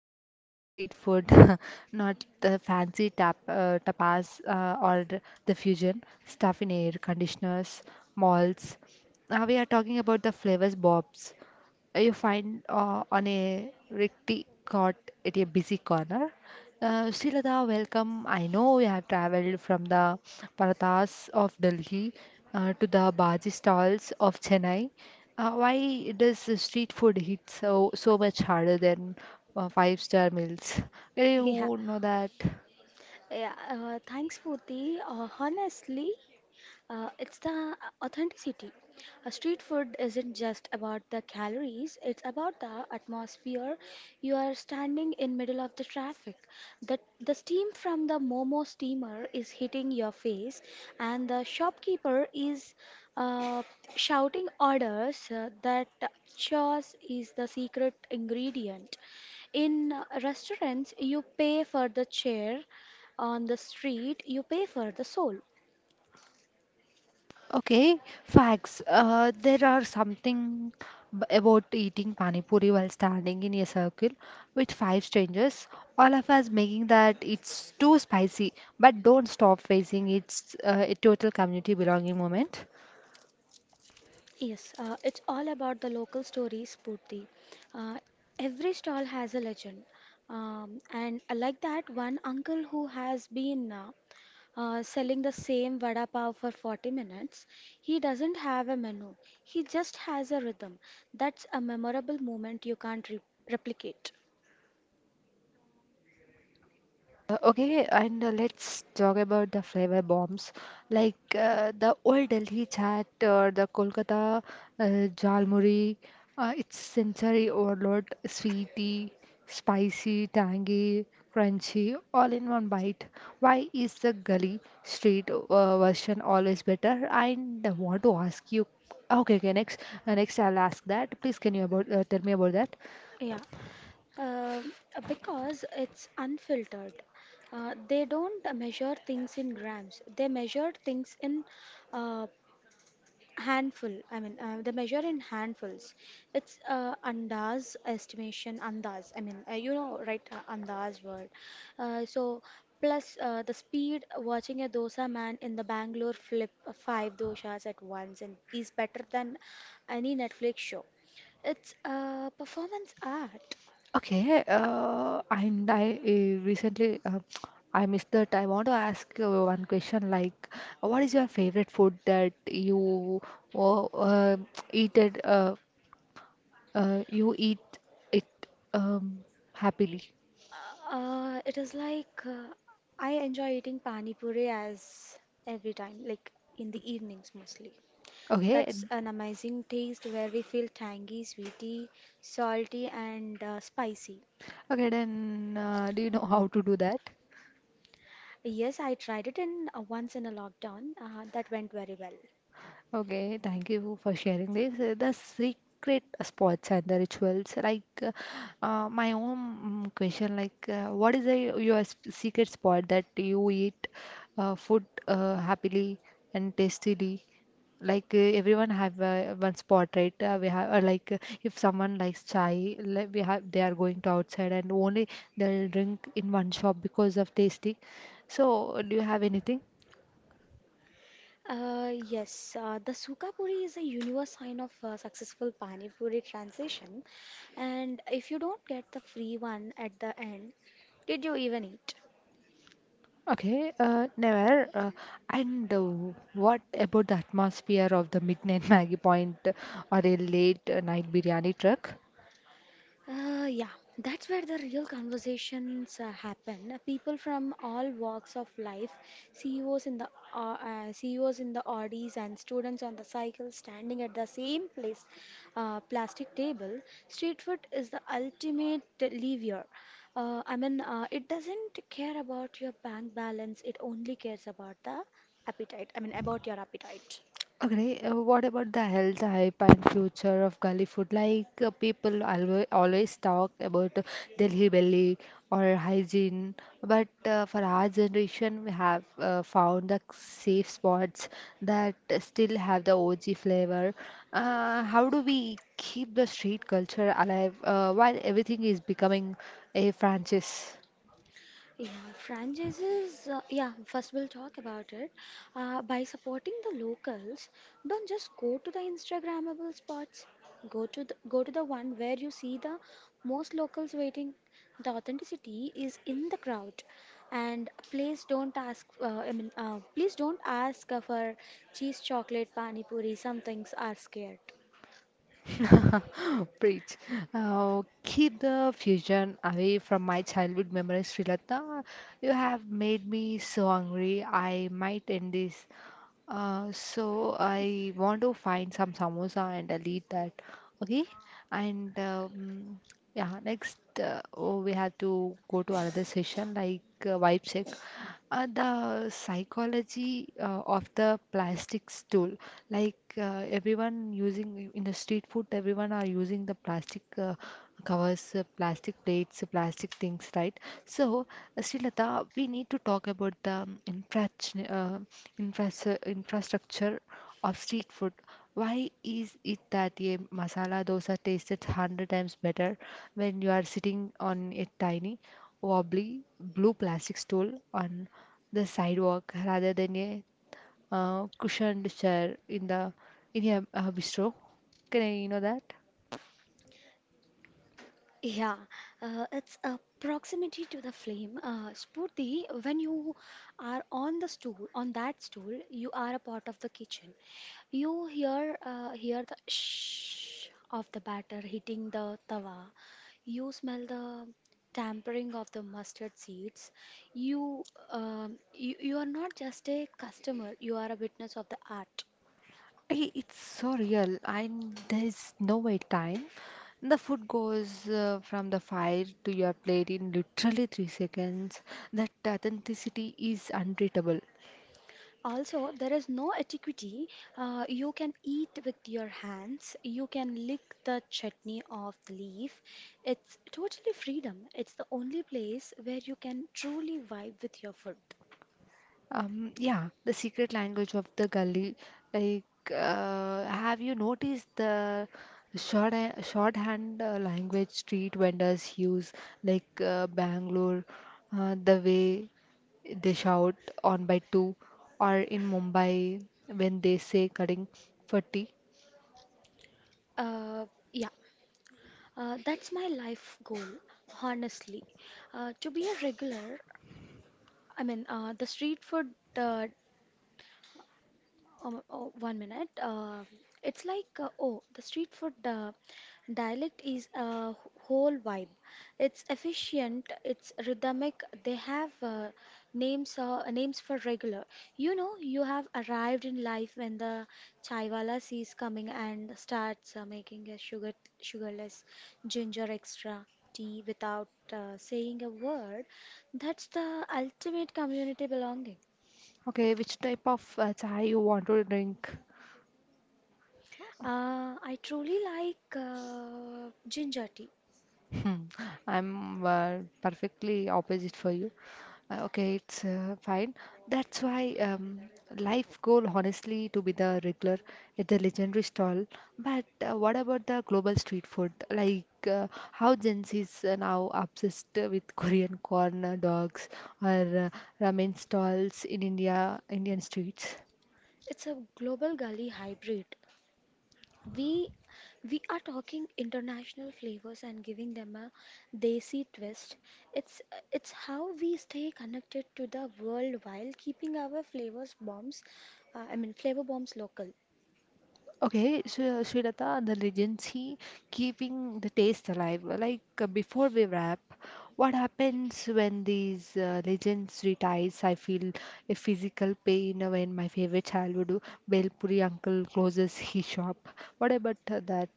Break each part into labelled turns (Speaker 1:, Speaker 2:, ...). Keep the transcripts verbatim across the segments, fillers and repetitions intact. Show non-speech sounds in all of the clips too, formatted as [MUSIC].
Speaker 1: talking about street food, [LAUGHS] not the fancy tap uh, tapas uh, or the the fusion stuff in air conditioners, malls. Now we are talking about the flavors bobs you find uh, on a rickety cot at a busy corner. Uh, Srilata, welcome. I know you have traveled from the parathas of Delhi uh, to the bhaji stalls of Chennai. Uh, why does the street food hit so so much harder than uh, five-star meals? Can
Speaker 2: Yeah,
Speaker 1: you know that?
Speaker 2: yeah. Uh, thanks, Purti. Uh, honestly, uh, it's the authenticity. A street food isn't just about the calories, it's about the atmosphere. You are standing in middle of the traffic. The, the steam from the Momo steamer is hitting your face and the shopkeeper is uh, shouting orders uh, that chos is the secret ingredient. In uh, restaurants, you pay for the chair. On the street, you pay for the soul.
Speaker 1: Okay, facts. Uh, there are something b- about eating pani puri while standing in a circle with five strangers. All of us making that it's too spicy, but don't stop facing it's uh, a total community belonging moment.
Speaker 2: Yes, uh, it's all about the local stories, Purti. Uh, every stall has a legend. Um, and I like that one uncle who has been uh, uh, selling the same vada pav for forty minutes, he doesn't have a menu. He just has a rhythm. That's a memorable moment you can't re- replicate.
Speaker 1: Uh, Okay, and uh, let's talk about the flavor bombs, like uh, the old Delhi chaat or the Kolkata uh, Jalmuri. Uh, it's sensory overload, sweety, spicy, tangy, crunchy, all in one bite. Why is the gully street uh, version always better? And I want to ask you. Okay, okay, next, uh, next I'll ask that. Please, can you about uh, tell me about that?
Speaker 2: Yeah. Um uh, because it's unfiltered. Uh, they don't measure things in grams. They measure things in uh, handful, I mean, uh, the measure in handfuls. It's uh, andas estimation, andas. I mean, uh, you know, right, uh, andas word. Uh, so, Plus uh, the speed watching a dosa man in the Bangalore flip uh, five doshas at once and is better than any Netflix show. It's uh, performance art.
Speaker 1: Okay, uh, and I uh, recently uh, I missed that. I want to ask uh, one question like, what is your favorite food that you uh, uh, eat it uh, uh, you eat it um, happily?
Speaker 2: Uh, uh, it is like uh, I enjoy eating pani puri as every time, like in the evenings mostly.
Speaker 1: Okay,
Speaker 2: That's an amazing taste where we feel tangy, sweety, salty, and uh, spicy.
Speaker 1: okay. Then uh, do you know how to do that?
Speaker 2: Yes, I tried it in uh, once in a lockdown. Uh, that went very well.
Speaker 1: Okay, thank you for sharing this. Uh, The secret spots and the rituals, like uh, uh, my own mm, question, like uh, what is the, your s- secret spot that you eat uh, food uh, happily and tastily? Like uh, everyone have uh, one spot, right? Uh, we have uh, like uh, if someone likes chai, like we have they are going to outside and only they'll drink in one shop because of tasty. So, do you have anything?
Speaker 2: Uh, yes, uh, the Suka Puri is a universe sign of uh, successful Pani Puri transition. And if you don't get the free one at the end, did you even eat?
Speaker 1: Okay, uh, never. Uh, and uh, what about the atmosphere of the midnight [LAUGHS] Maggie point uh, or a late night biryani truck?
Speaker 2: Uh, yeah, that's where the real conversations uh, happen. Uh, People from all walks of life, C E Os in the uh, uh, C E Os in the Audis and students on the cycle standing at the same place, uh, plastic table. Street food is the ultimate lever. Uh, I mean, uh, it doesn't care about your bank balance. It only cares about the appetite. I mean, about your appetite.
Speaker 1: Okay, uh, what about the health hype and future of Gully food? Like uh, people always always talk about uh, Delhi belly or hygiene, but uh, for our generation, we have uh, found the safe spots that still have the O G flavor. Uh, how do we keep the street culture alive uh, while everything is becoming a franchise?
Speaker 2: Yeah, franchises. Uh, yeah, first we'll talk about it. Uh, by supporting the locals, don't just go to the Instagrammable spots. Go to the, go to the one where you see the most locals waiting. The authenticity is in the crowd, and please don't ask. Uh, I mean, uh, please don't ask uh, for cheese, chocolate, pani puri. Some things are scared.
Speaker 1: [LAUGHS] Preach. Uh, keep the fusion away from my childhood memories, Srilata. You have made me so hungry. I might end this. Uh, so I want to find some samosa and I'll eat that. Okay? And um, yeah, next uh, oh, we have to go to another session like uh, vibe check. Uh, the psychology uh, of the plastic stool. Like uh, everyone using in the street food, everyone are using the plastic uh, covers, uh, plastic plates, uh, plastic things, right? So, uh, Srilata, we need to talk about the um, infra uh, infras- uh, infrastructure of street food. Why is it that a masala dosa tastes one hundred times better when you are sitting on a tiny, wobbly blue plastic stool on the sidewalk rather than a uh, cushioned chair in the in a uh, bistro? Can I know that?
Speaker 2: Yeah, uh, it's a proximity to the flame. Uh, Spurti, when you are on the stool, on that stool, you are a part of the kitchen. You hear uh, hear the shh of the batter hitting the tawa. You smell the tampering of the mustard seeds. You, um, you you are not just a customer. You are a witness of the art.
Speaker 1: I- It's so real, and there is no wait time. The food goes uh, from the fire to your plate in literally three seconds. That authenticity is unbeatable.
Speaker 2: Also, there is no etiquette. Uh, you can eat with your hands. You can lick the chutney off the leaf. It's totally freedom. It's the only place where you can truly vibe with your food.
Speaker 1: Um, yeah, the secret language of the gully. Like, uh, have you noticed the short shorthand uh, language street vendors use, like uh, Bangalore, uh, the way they shout on by two, or in Mumbai when they say cutting for tea.
Speaker 2: Uh, yeah, uh, that's my life goal, honestly. Uh, to be a regular, I mean, uh, the street food, uh, um, oh, one minute. Uh, it's like, uh, oh, the street food uh, dialect is a whole vibe. It's efficient, it's rhythmic. They have uh, names uh, names for regular. You know, you have arrived in life when the chaiwala sees coming and starts uh, making a sugar sugarless ginger extra tea without uh, saying a word. That's the ultimate community belonging.
Speaker 1: Okay, which type of uh, chai you want to drink?
Speaker 2: Uh, I truly like uh, ginger tea.
Speaker 1: Hmm, I'm uh, perfectly opposite for you. Uh, okay, it's uh, fine. That's why um, life goal, honestly, to be the regular at the legendary stall. But uh, what about the global street food? Like uh, how Gen Z is uh, now obsessed with Korean corn dogs or uh, ramen stalls in India, Indian streets.
Speaker 2: It's a global gully hybrid. We we are talking international flavors and giving them a desi twist. It's it's how we stay connected to the world while keeping our flavors bombs, uh, I mean flavor bombs local.
Speaker 1: Okay, so Srilata, the regency keeping the taste alive. Like uh, before we wrap, what happens when these uh, legends retires? I feel a physical pain when my favorite childhood Bel Puri uncle closes his shop. What about uh, that?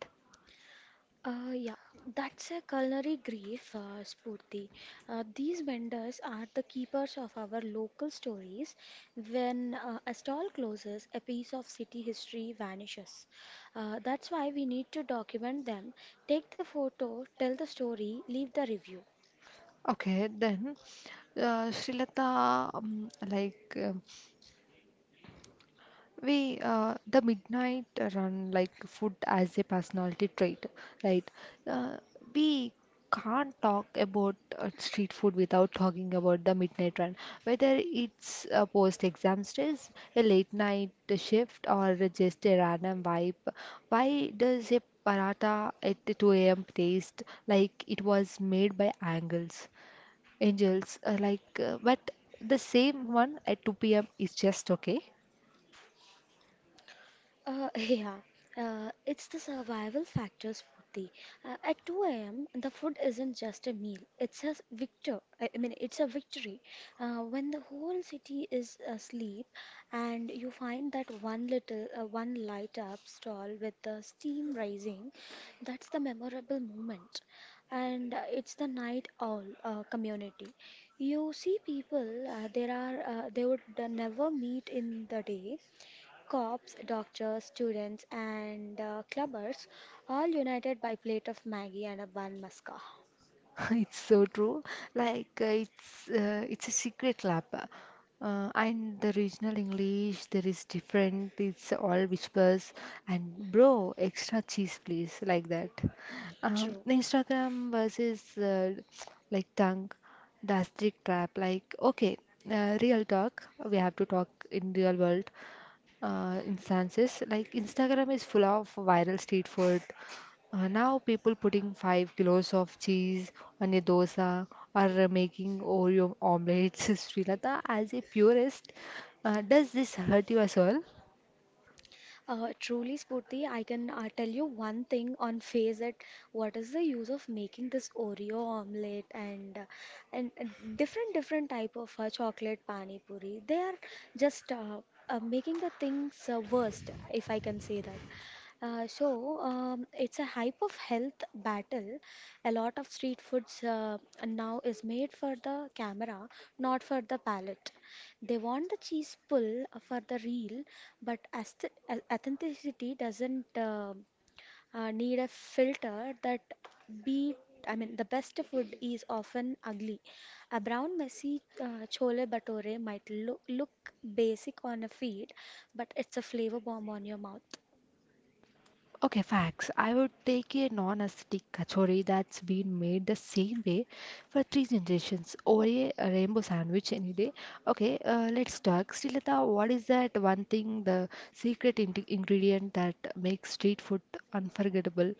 Speaker 2: Uh, yeah, that's a culinary grief, uh, Spurti. Uh, these vendors are the keepers of our local stories. When uh, a stall closes, a piece of city history vanishes. Uh, that's why we need to document them. Take the photo, tell the story, leave the review.
Speaker 1: Okay, then uh, Srilata, um, like uh, we uh, the midnight run like food as a personality trait, right? Uh, we can't talk about uh, street food without talking about the midnight run, whether it's a post-exam stress, a late night shift, or just a random vibe. Why does a paratha at two a m taste like it was made by angels, angels? Uh, like, uh, but the same one at two p m is just okay.
Speaker 2: Uh, [LAUGHS] yeah, uh, it's the survival factors, Smriti. Uh, at two a m, the food isn't just a meal; it's a victor. I I mean, it's a victory. Uh, when the whole city is asleep, and you find that one little, uh, one light up stall with the steam rising, that's the memorable moment. And uh, it's the night owl uh, community. You see people uh, there are uh, they would uh, never meet in the day. Cops, doctors, students, and uh, clubbers all united by plate of Maggie and a bun maska.
Speaker 1: [LAUGHS] It's so true. Like uh, it's uh, it's a secret lab, uh, and the regional English there is different. It's all whispers and bro, extra cheese please, like that. Um,
Speaker 2: True.
Speaker 1: Instagram versus uh, like tongue, the asterisk trap. Like okay, uh, real talk. We have to talk in real world uh, instances. Like Instagram is full of viral street food. Uh, now people putting five kilos of cheese on a dosa or uh, making Oreo omelets. [LAUGHS] Srilata, as a purist, uh, does this hurt you as well?
Speaker 2: Uh, truly, Spurti, I can uh, tell you one thing on face that what is the use of making this Oreo omelette and uh, and uh, different different type of uh, chocolate pani puri. They are just uh, uh, making the things uh, worst, if I can say that. Uh, so um, it's a hype of health battle. A lot of street foods uh, now is made for the camera, not for the palate. They want the cheese pull for the reel, but ast- au- authenticity doesn't uh, uh, need a filter that beat. I mean, the best food is often ugly. A brown, messy uh, chole bhature might loo- look basic on a feed, but it's a flavor bomb on your mouth.
Speaker 1: Okay, facts. I would take a non-acidic kachori that's been made the same way for three generations over a rainbow sandwich any day. Okay, uh, let's talk. Srilata, what is that one thing, the secret in ingredient that makes street food unforgettable?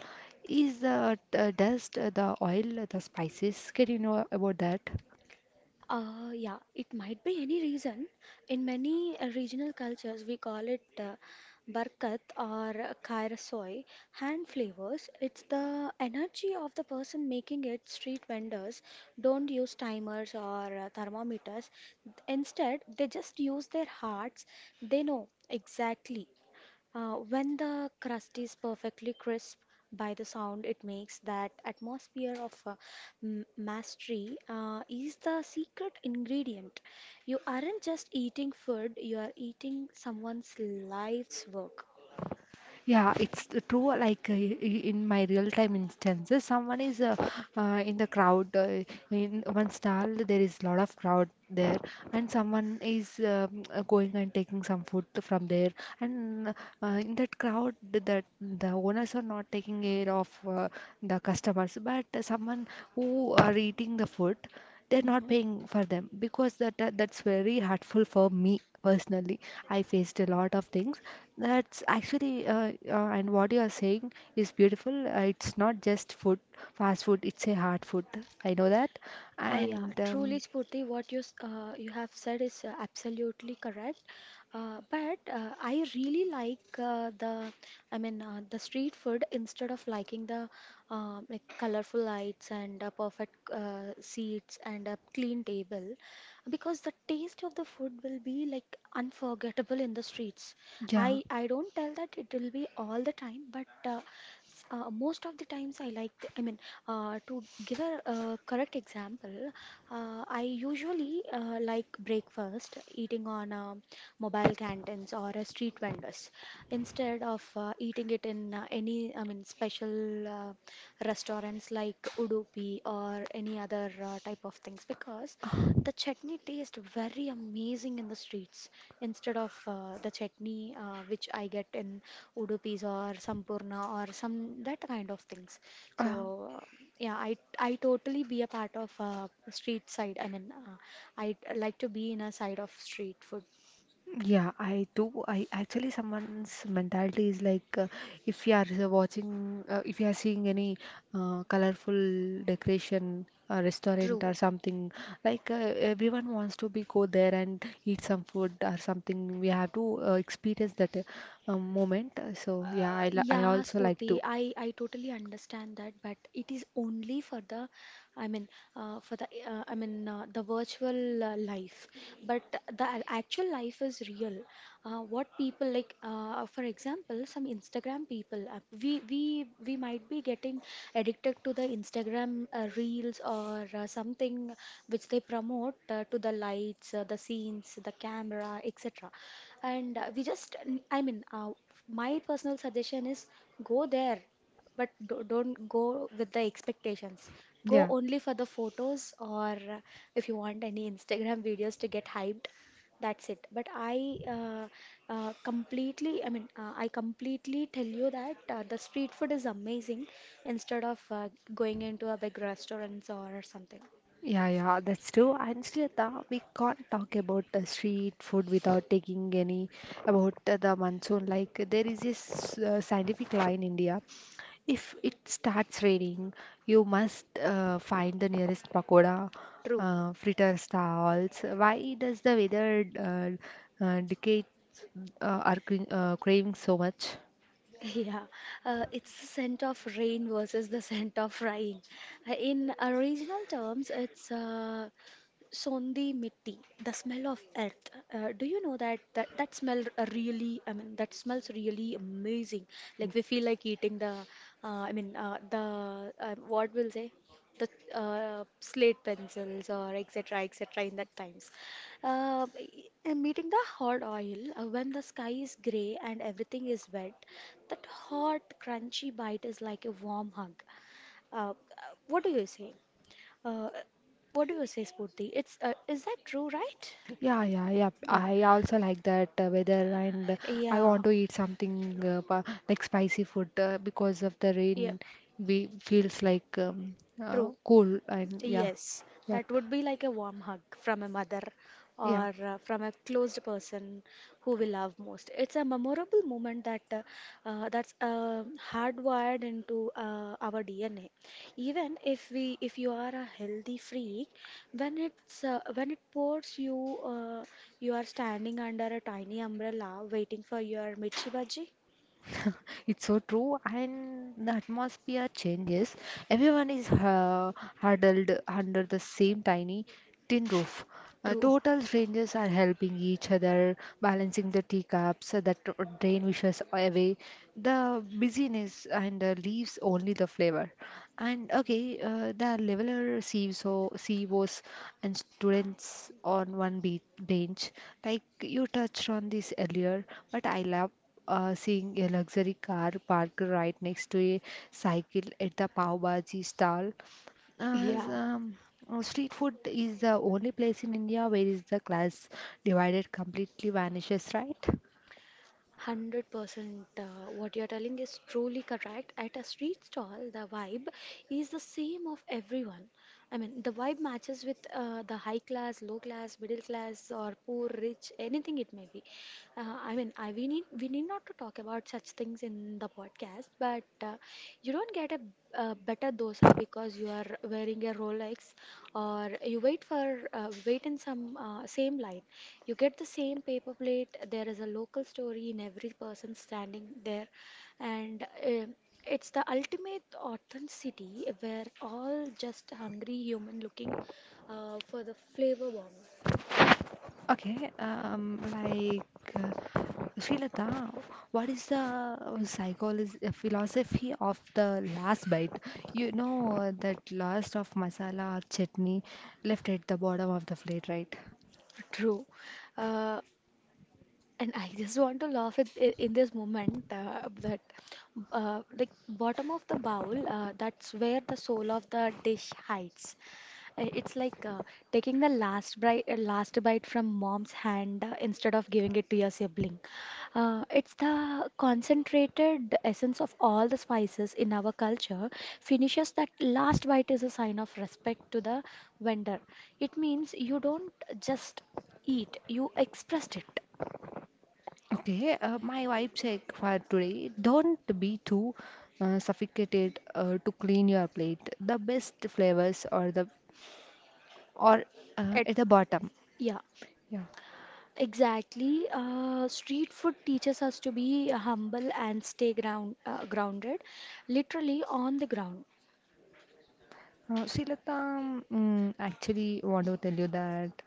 Speaker 1: Is the uh, dust, uh, the oil, the spices? Can you know about that?
Speaker 2: Uh, yeah, it might be any reason. In many uh, regional cultures, we call it uh, barkat or uh, kairasoy, hand flavors. It's the energy of the person making it. Street vendors don't use timers or uh, thermometers. Instead, they just use their hearts. They know exactly uh, when the crust is perfectly crisp by the sound it makes, that atmosphere of uh, m- mastery uh, is the secret ingredient. You aren't just eating food, you are eating someone's life's work.
Speaker 1: Yeah, it's the true. Like uh, i- in my real-time instances, someone is uh, uh, in the crowd. Uh, in one stall, there is lot of crowd there, and someone is um, uh, going and taking some food from there. And uh, in that crowd, th- that the owners are not taking care of uh, the customers, but someone who are eating the food they're not
Speaker 2: Mhm.
Speaker 1: paying for them because that that- that's very hurtful for me personally. I faced a lot of things. That's actually uh, uh, and what you are saying is beautiful. uh, it's not just food, fast food, it's a hard food. I know that.
Speaker 2: Uh, yeah,
Speaker 1: And um,
Speaker 2: truly, Spurti, what you s- uh, you have said is uh, absolutely correct. Uh, but uh, I really like uh, the, I mean, uh, the street food instead of liking the um like colorful lights and uh, perfect uh, seats and a clean table, because the taste of the food will be like unforgettable in the streets.
Speaker 1: yeah.
Speaker 2: I I don't tell that it will be all the time, but uh, s- uh, most of the times I like. The, I mean, uh, to give a uh, correct example, uh, I usually uh, like breakfast eating on uh, mobile canteens or uh, street vendors instead of uh, eating it in uh, any, I mean, special uh, restaurants like Udupi or any other uh, type of things because the chutney tastes very amazing in the streets instead of uh, the chutney uh, which I get in Udupis or Sampurna or some that kind of things. So
Speaker 1: uh,
Speaker 2: yeah, I I totally be a part of uh, street side. I mean, uh, I like to be in a side of street food.
Speaker 1: yeah, I do. I actually someone's mentality is like uh, if you are uh, watching, uh, if you are seeing any uh, colorful decoration, uh, restaurant
Speaker 2: True.
Speaker 1: or something, like uh, everyone wants to be go there and eat some food or something. We have to uh, experience that uh, um, moment. So yeah,
Speaker 2: Uh,
Speaker 1: I li- I
Speaker 2: yeah,
Speaker 1: also like
Speaker 2: Spooty,
Speaker 1: to.
Speaker 2: I, I totally understand that, but it is only for the, I mean, uh, for the, uh, I mean, uh, the virtual uh, life. But the a- actual life is real. Uh, what people like, uh, for example, some Instagram people, uh, we we we might be getting addicted to the Instagram uh, reels or uh, something which they promote uh, to the lights, uh, the scenes, the camera, etc, and uh, we just I mean uh, my personal suggestion is go there but do- don't go with the expectations, go
Speaker 1: Yeah.
Speaker 2: only for the photos or uh, if you want any instagram videos to get hyped, that's it. But I uh, uh, completely I mean uh, I completely tell you that uh, the street food is amazing instead of uh, going into a big restaurants or something
Speaker 1: Yeah, yeah, that's true. And Shrita, we can't talk about the street food without taking any about uh, the monsoon. Like there is this uh, scientific law in India. If it starts raining, you must uh, find the nearest pakoda,
Speaker 2: true.
Speaker 1: uh, fritter stalls. Why does the weather uh, uh, dictate uh, our cra- uh, craving so much?
Speaker 2: [LAUGHS] Yeah, uh, it's the scent of rain versus the [LAUGHS] scent of frying. Uh, In uh, Regional terms, it's uh, Sondi mitti, the smell of earth. Uh, do you know that, that that smell r- uh, really? I mean, that smells really amazing. Like we feel like eating the. Uh, I mean, uh, the uh, what will say, the uh, slate pencils or et cetera et cetera. In that times, uh, and meeting the hot oil uh, when the sky is grey and everything is wet. That hot crunchy bite is like a warm hug. Uh, uh, what do you say? Uh, what do you say, Spurti? It's uh, is that true, right?
Speaker 1: Yeah, yeah, yeah.
Speaker 2: Yeah,
Speaker 1: I also like that uh, weather, and I
Speaker 2: yeah,
Speaker 1: want to eat something uh, pa- like spicy food uh, because of the
Speaker 2: yeah,
Speaker 1: rain. We feels like um, uh,
Speaker 2: true.
Speaker 1: cool, and yeah,
Speaker 2: Yes,
Speaker 1: yep,
Speaker 2: that would be like a warm hug from a mother
Speaker 1: yeah.
Speaker 2: or uh, from a closed person who we love most. It's a memorable moment that uh, uh, that's uh, hardwired into uh, our D N A. Even if we If you are a healthy freak, when it's uh, when it pours, you uh, you are standing under a tiny umbrella waiting for your mirchi bhaji.
Speaker 1: [LAUGHS] It's so true, and the atmosphere changes. Everyone is uh, huddled under the same tiny tin roof. Uh,
Speaker 2: True.
Speaker 1: total strangers are helping each other, balancing the teacups uh, that dr- drain wishes away. The busyness and uh, leaves only the flavor. And okay, uh, the leveler C E Os C E Os and students on one be bench, like you touched on this earlier, but I love uh, seeing a luxury car parked right next to a cycle at the Pav Bhaji stall.
Speaker 2: [LAUGHS]
Speaker 1: As,
Speaker 2: Yeah.
Speaker 1: um, uh, street food is the only place in India where is the class divided completely vanishes, right?
Speaker 2: one hundred percent uh, what you're telling is truly correct. At a street stall, the vibe is the same of everyone. I mean, the vibe matches with uh, the high class, low class, middle class, or poor, rich, anything it may be. Uh, I mean, I, we need we need not to talk about such things in the podcast, but uh, you don't get a, uh better dosa because you are wearing a Rolex, or you wait for uh, wait in some uh, same line. You get the same paper plate. There is a local story in every person standing there, and um it's the ultimate authenticity where all just hungry human looking uh, for the flavor bomb.
Speaker 1: Okay, um, like. uh, Srilata, what is the psychology philosophy of the last bite? You know uh, that last of masala or chutney left at the bottom of the plate, right?
Speaker 2: True, uh, and I just want to laugh at i- in this moment uh, that, uh, like bottom of the bowl, uh, that's where the soul of the dish hides. I- It's like uh, taking the last bite, uh, last bite from mom's hand uh, instead of giving it to your sibling. Uh, it's the concentrated essence of all the spices in our culture. Finishes that last bite is a sign of respect to the vendor. It means you don't just eat, you expressed it.
Speaker 1: Okay, uh, my vibe check for today. Don't be too uh, suffocated uh, to clean your plate. The best flavors are the or uh,
Speaker 2: It,
Speaker 1: at the bottom.
Speaker 2: yeah.
Speaker 1: Yeah.
Speaker 2: Exactly. Uh, street food teaches us to be humble and stay ground, uh, grounded, literally on the ground.
Speaker 1: Uh, Srilata, um, actually want to tell you that.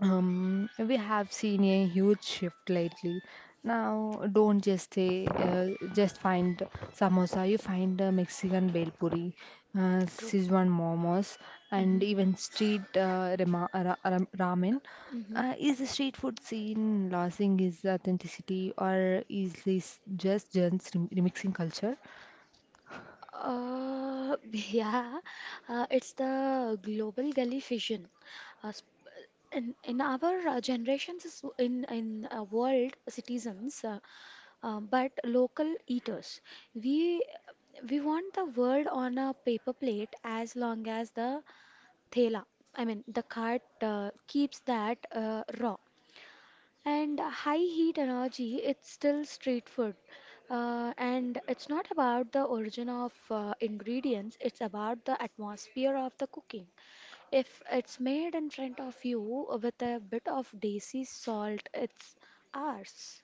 Speaker 1: Um, we have seen a huge shift lately. Now, don't just say, uh, just find samosa. You find a Mexican bel puri, uh,
Speaker 2: True.
Speaker 1: Sichuan momos, and
Speaker 2: Mhm,
Speaker 1: even street uh, rama- ra- ra- ramen.
Speaker 2: mhm.
Speaker 1: Uh, is the street food scene losing its authenticity, or is this just just remixing culture?
Speaker 2: Uh, [LAUGHS] yeah, uh, it's the global gully vision. Uh, sp- in, in our uh, generations, is in in uh, world citizens, uh, uh, but local eaters. We we want the world on a paper plate as long as the thela, I mean the cart uh, keeps that uh, raw. And high heat energy, it's still street food. Uh, and it's not about the origin of uh, ingredients, it's about the atmosphere of the cooking. If it's made in front of you with a bit of desi salt, it's ours.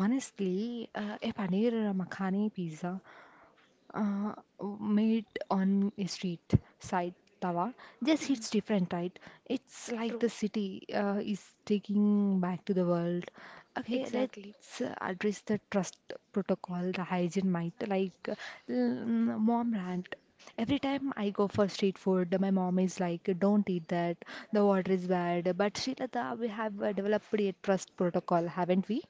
Speaker 1: Honestly, uh, a paneer makhani pizza uh, made on a street side tawa just hits different, right? It's like the
Speaker 2: True,
Speaker 1: city uh, is taking back to the world. Okay,
Speaker 2: exactly.
Speaker 1: let's uh, address the trust protocol, the hygiene might, like uh, mm, mom rant. Every time I go for street food, my mom is like, "Don't eat that. The water is bad." But Srilata, we have uh, developed a trust protocol, haven't we?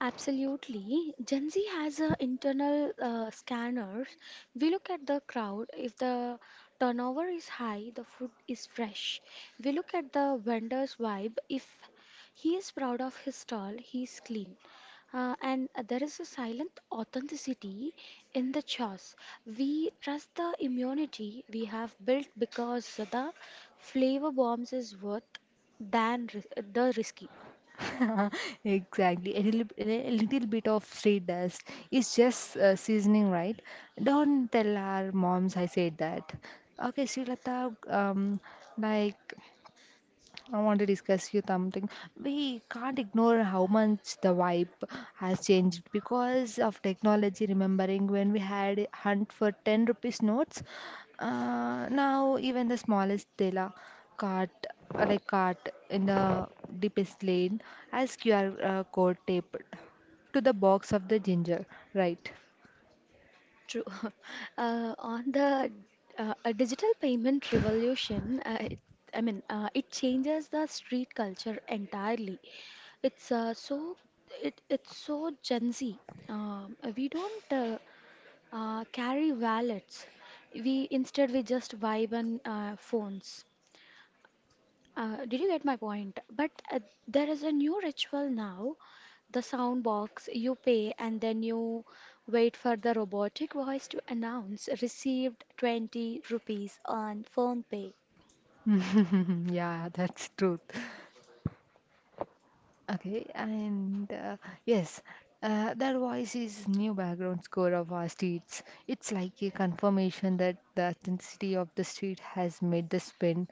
Speaker 2: Absolutely. Gen Z has a internal uh, scanners. We look at the crowd. If the turnover is high, the food is fresh. We look at the vendor's vibe. If he is proud of his stall, he is clean. Uh, and there is a silent authenticity in the choice. We trust the immunity we have built because the flavor bombs is worth than ri- the risky.
Speaker 1: [LAUGHS] Exactly. A little, a little bit of street dust is just uh, seasoning, right? Don't tell our moms I said that. Okay, Srilata, um, like I want to discuss you something. We can't ignore how much the vibe has changed because of technology. Remembering when we had a hunt for ten rupees notes, uh, now even the smallest tela cart, uh, like cart in the deepest lane, has Q R uh, code taped to the box of the ginger, right?
Speaker 2: True. [LAUGHS] Uh, on the uh, a digital payment revolution, uh, it, I mean, uh, it changes the street culture entirely. It's uh, so it it's so Gen Z. Um, we don't uh, uh, carry wallets. We instead we just vibe on uh, phones. Uh, did you get my point? But uh, there is a new ritual now. The sound box, you pay, and then you wait for the robotic voice to announce received twenty rupees on phone pay.
Speaker 1: [LAUGHS] Yeah, that's truth. Okay, and uh, yes, uh, that voice is new background score of our streets. It's like a confirmation that the authenticity of the street has made the spin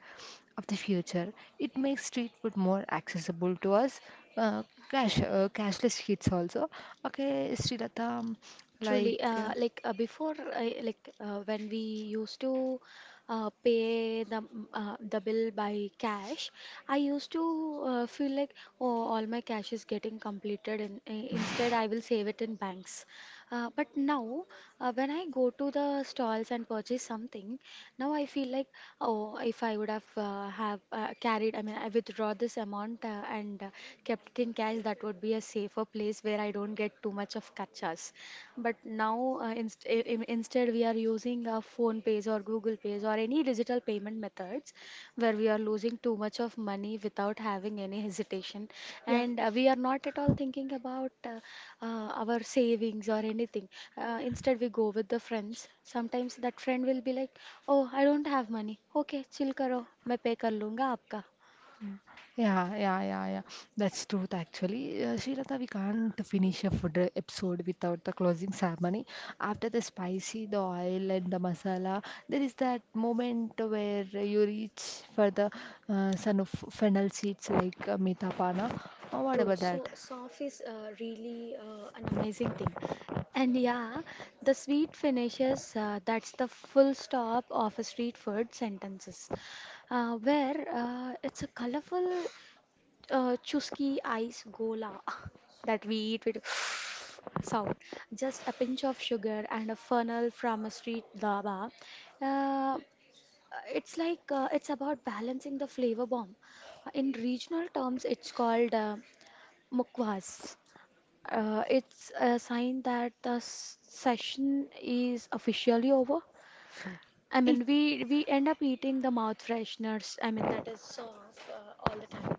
Speaker 1: of the future. It makes street food more accessible to us. Uh, cash, uh, Cashless hits also. Okay, Srilata, um, like,
Speaker 2: Truly,
Speaker 1: uh,
Speaker 2: uh, like uh, before, uh, like uh, when we used to uh, pay the m- uh, the bill by cash, I used to uh, feel like, oh, all my cash is getting completed, and uh, instead I will save it in banks. Uh, but now, uh, when I go to the stalls and purchase something, now I feel like, oh, if I would have uh, have uh, carried, I mean, I withdraw this amount uh, and uh, kept it in cash, that would be a safer place where I don't get too much of kachas. But now, uh, inst i- i- instead, we are using our phone pays or Google pays or any digital payment methods where we are losing too much of money without having any hesitation.
Speaker 1: yeah.
Speaker 2: And uh, we are not at all thinking about uh, uh, our savings or anything. Uh, instead, we go with the friends. Sometimes that friend will be like, "Oh, I don't have money. Okay, chill karo, मैं पे कर लूंगा आपका."
Speaker 1: Mm. Yeah, yeah, yeah, yeah. That's truth, actually. Uh, Srilata, we can't finish a food uh, episode without the closing ceremony. After the spicy, the oil, and the masala, there is that moment where you reach for the uh, son of fennel seeds like uh, Mithapana. Uh, what
Speaker 2: True.
Speaker 1: about
Speaker 2: So
Speaker 1: that?
Speaker 2: soft is uh, really uh, an amazing thing. And yeah, the sweet finishes, uh, that's the full stop of a street food sentences, uh, where uh, it's a colorful uh, chusky ice gola [LAUGHS] that we eat with [SIGHS] sound. Just a pinch of sugar and a funnel from a street dhaba. Uh, it's like uh, it's about balancing the flavor bomb. In regional terms, it's called uh, Mukwas. Uh, it's a sign that the s- session is officially over. I
Speaker 1: It
Speaker 2: mean, we we end up eating the mouth fresheners. I mean, that is so off uh, all the time.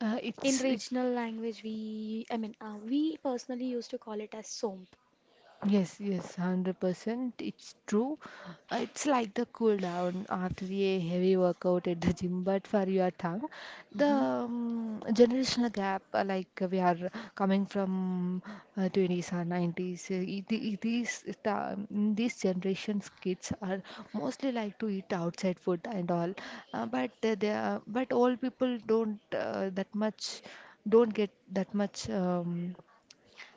Speaker 1: uh,
Speaker 2: In
Speaker 1: it's it
Speaker 2: regional language, we I mean, uh, we personally used to call it as somp.
Speaker 1: Yes, yes, one hundred percent. It's true. Uh, It's like the cool down after a heavy workout at the gym, but for your tongue, the
Speaker 2: Hmm.
Speaker 1: um, generational gap, uh, like uh, we are coming from uh, twenties or nineties, uh, it- it- these ta- mm, these generations kids are mostly like to eat outside food and all, uh, but uh, they are, but old people don't uh, that much don't get that much. Um,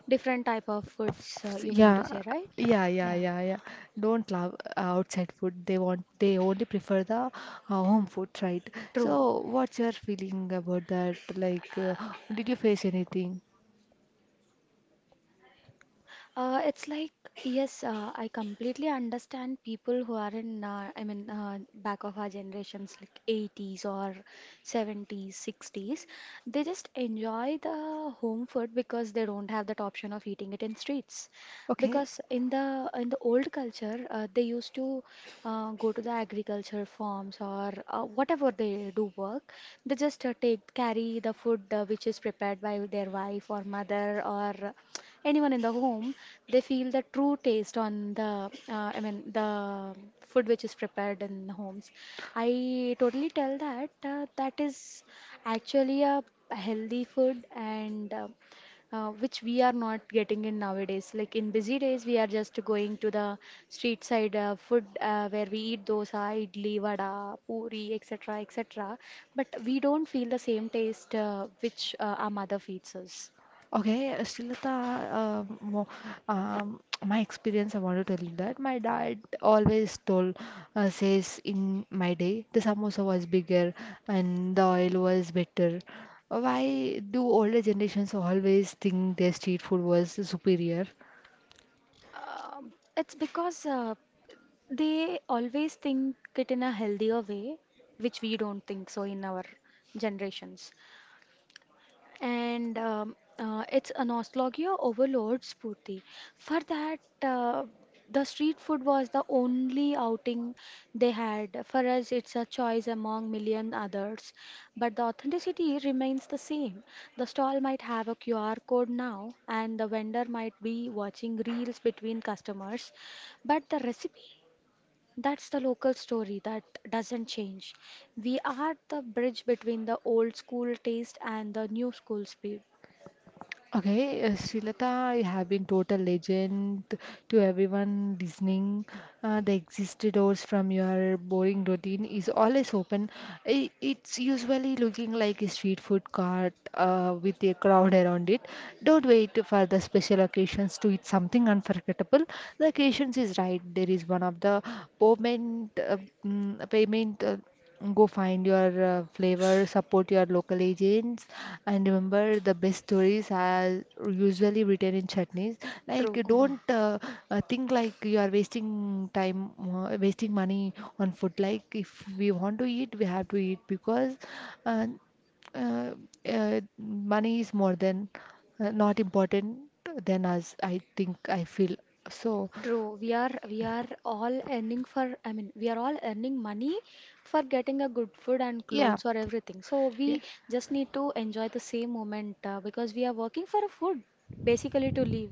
Speaker 2: Different type of foods, uh,
Speaker 1: F-
Speaker 2: you mean to
Speaker 1: Yeah,
Speaker 2: say, right?
Speaker 1: yeah, yeah,
Speaker 2: Yeah,
Speaker 1: yeah, yeah. Don't love uh, outside food. They want, they only prefer the uh, home food, right?
Speaker 2: true.
Speaker 1: So, what's your feeling about that? Like, uh, did you face anything?
Speaker 2: Uh, it's like, yes, uh, I completely understand people who are in, uh, I mean, uh, back of our generations, like eighties or seventies, sixties. They just enjoy the home food because they don't have that option of eating it in streets.
Speaker 1: Okay.
Speaker 2: Because in the in the old culture, uh, they used to uh, go to the agriculture farms or uh, whatever they do work. They just uh, take carry the food uh, which is prepared by their wife or mother or anyone in the home. They feel the true taste on the, uh, i mean the food which is prepared in homes. I totally tell that uh, that is actually a healthy food, and uh, uh, which we are not getting in nowadays. Like in busy days we are just going to the street side uh, food uh, where we eat dosa idli vada puri etc etc, but we don't feel the same taste uh, which uh, our mother feeds us.
Speaker 1: Okay, uh, Srilata, um, wo- um, [TSK] my experience, I want to tell you that my dad always told, uh, says in my day, the samosa was bigger and the oil was better. Why do older generations always think their street food was superior?
Speaker 2: Um, it's because uh, they always think it in a healthier way, which we don't think so in our generations. And um, uh, it's a nostalgia overload, Spurti. For that, uh, the street food was the only outing they had. For us, it's a choice among million others. But the authenticity remains the same. The stall might have a Q R code now, and the vendor might be watching reels between customers, but the recipe, that's the local story that doesn't change. We are the bridge between the old school taste and the new school speed.
Speaker 1: Okay, uh, Srilata, you have been total legend to everyone listening. Uh, the exit doors from your boring routine is always open. I It's usually looking like a street food cart uh, with a crowd around it. Don't wait for the special occasions to eat something unforgettable. The occasions is right. There is one of the payment, uh, mm, payment. uh, Go find your uh, flavor, support your local agents, and remember the best stories are usually written in chutneys. Like,
Speaker 2: True.
Speaker 1: you
Speaker 2: [SIGHS]
Speaker 1: don't uh, uh, think like you are wasting time, uh, wasting money on food. Like, if we want to eat, we have to eat because uh, uh, uh, money is more than uh, not important than us. I think I feel so.
Speaker 2: [LAUGHS] True. We are we are all earning for, I mean, we are all earning money for getting a good food and
Speaker 1: Yeah,
Speaker 2: clothes or everything. So
Speaker 1: yeah.
Speaker 2: we just need to enjoy the same moment uh, because we are working for a food basically to live.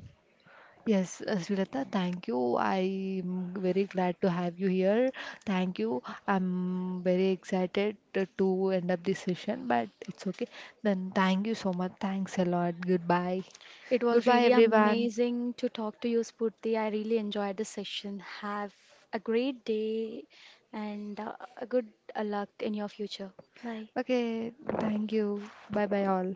Speaker 1: Yes, uh, Srilata, thank you. I'm very glad to have you here. Thank you. I'm very excited to to end up this session, but it's okay. Then thank you so much. Thanks a lot. Goodbye.
Speaker 2: It was
Speaker 1: Goodbye,
Speaker 2: really
Speaker 1: everyone.
Speaker 2: amazing to talk to you, Spurti. I really enjoyed the session. Have a great day and uh, a good uh, luck in your future. Bye.
Speaker 1: Okay, thank you. Bye bye, all.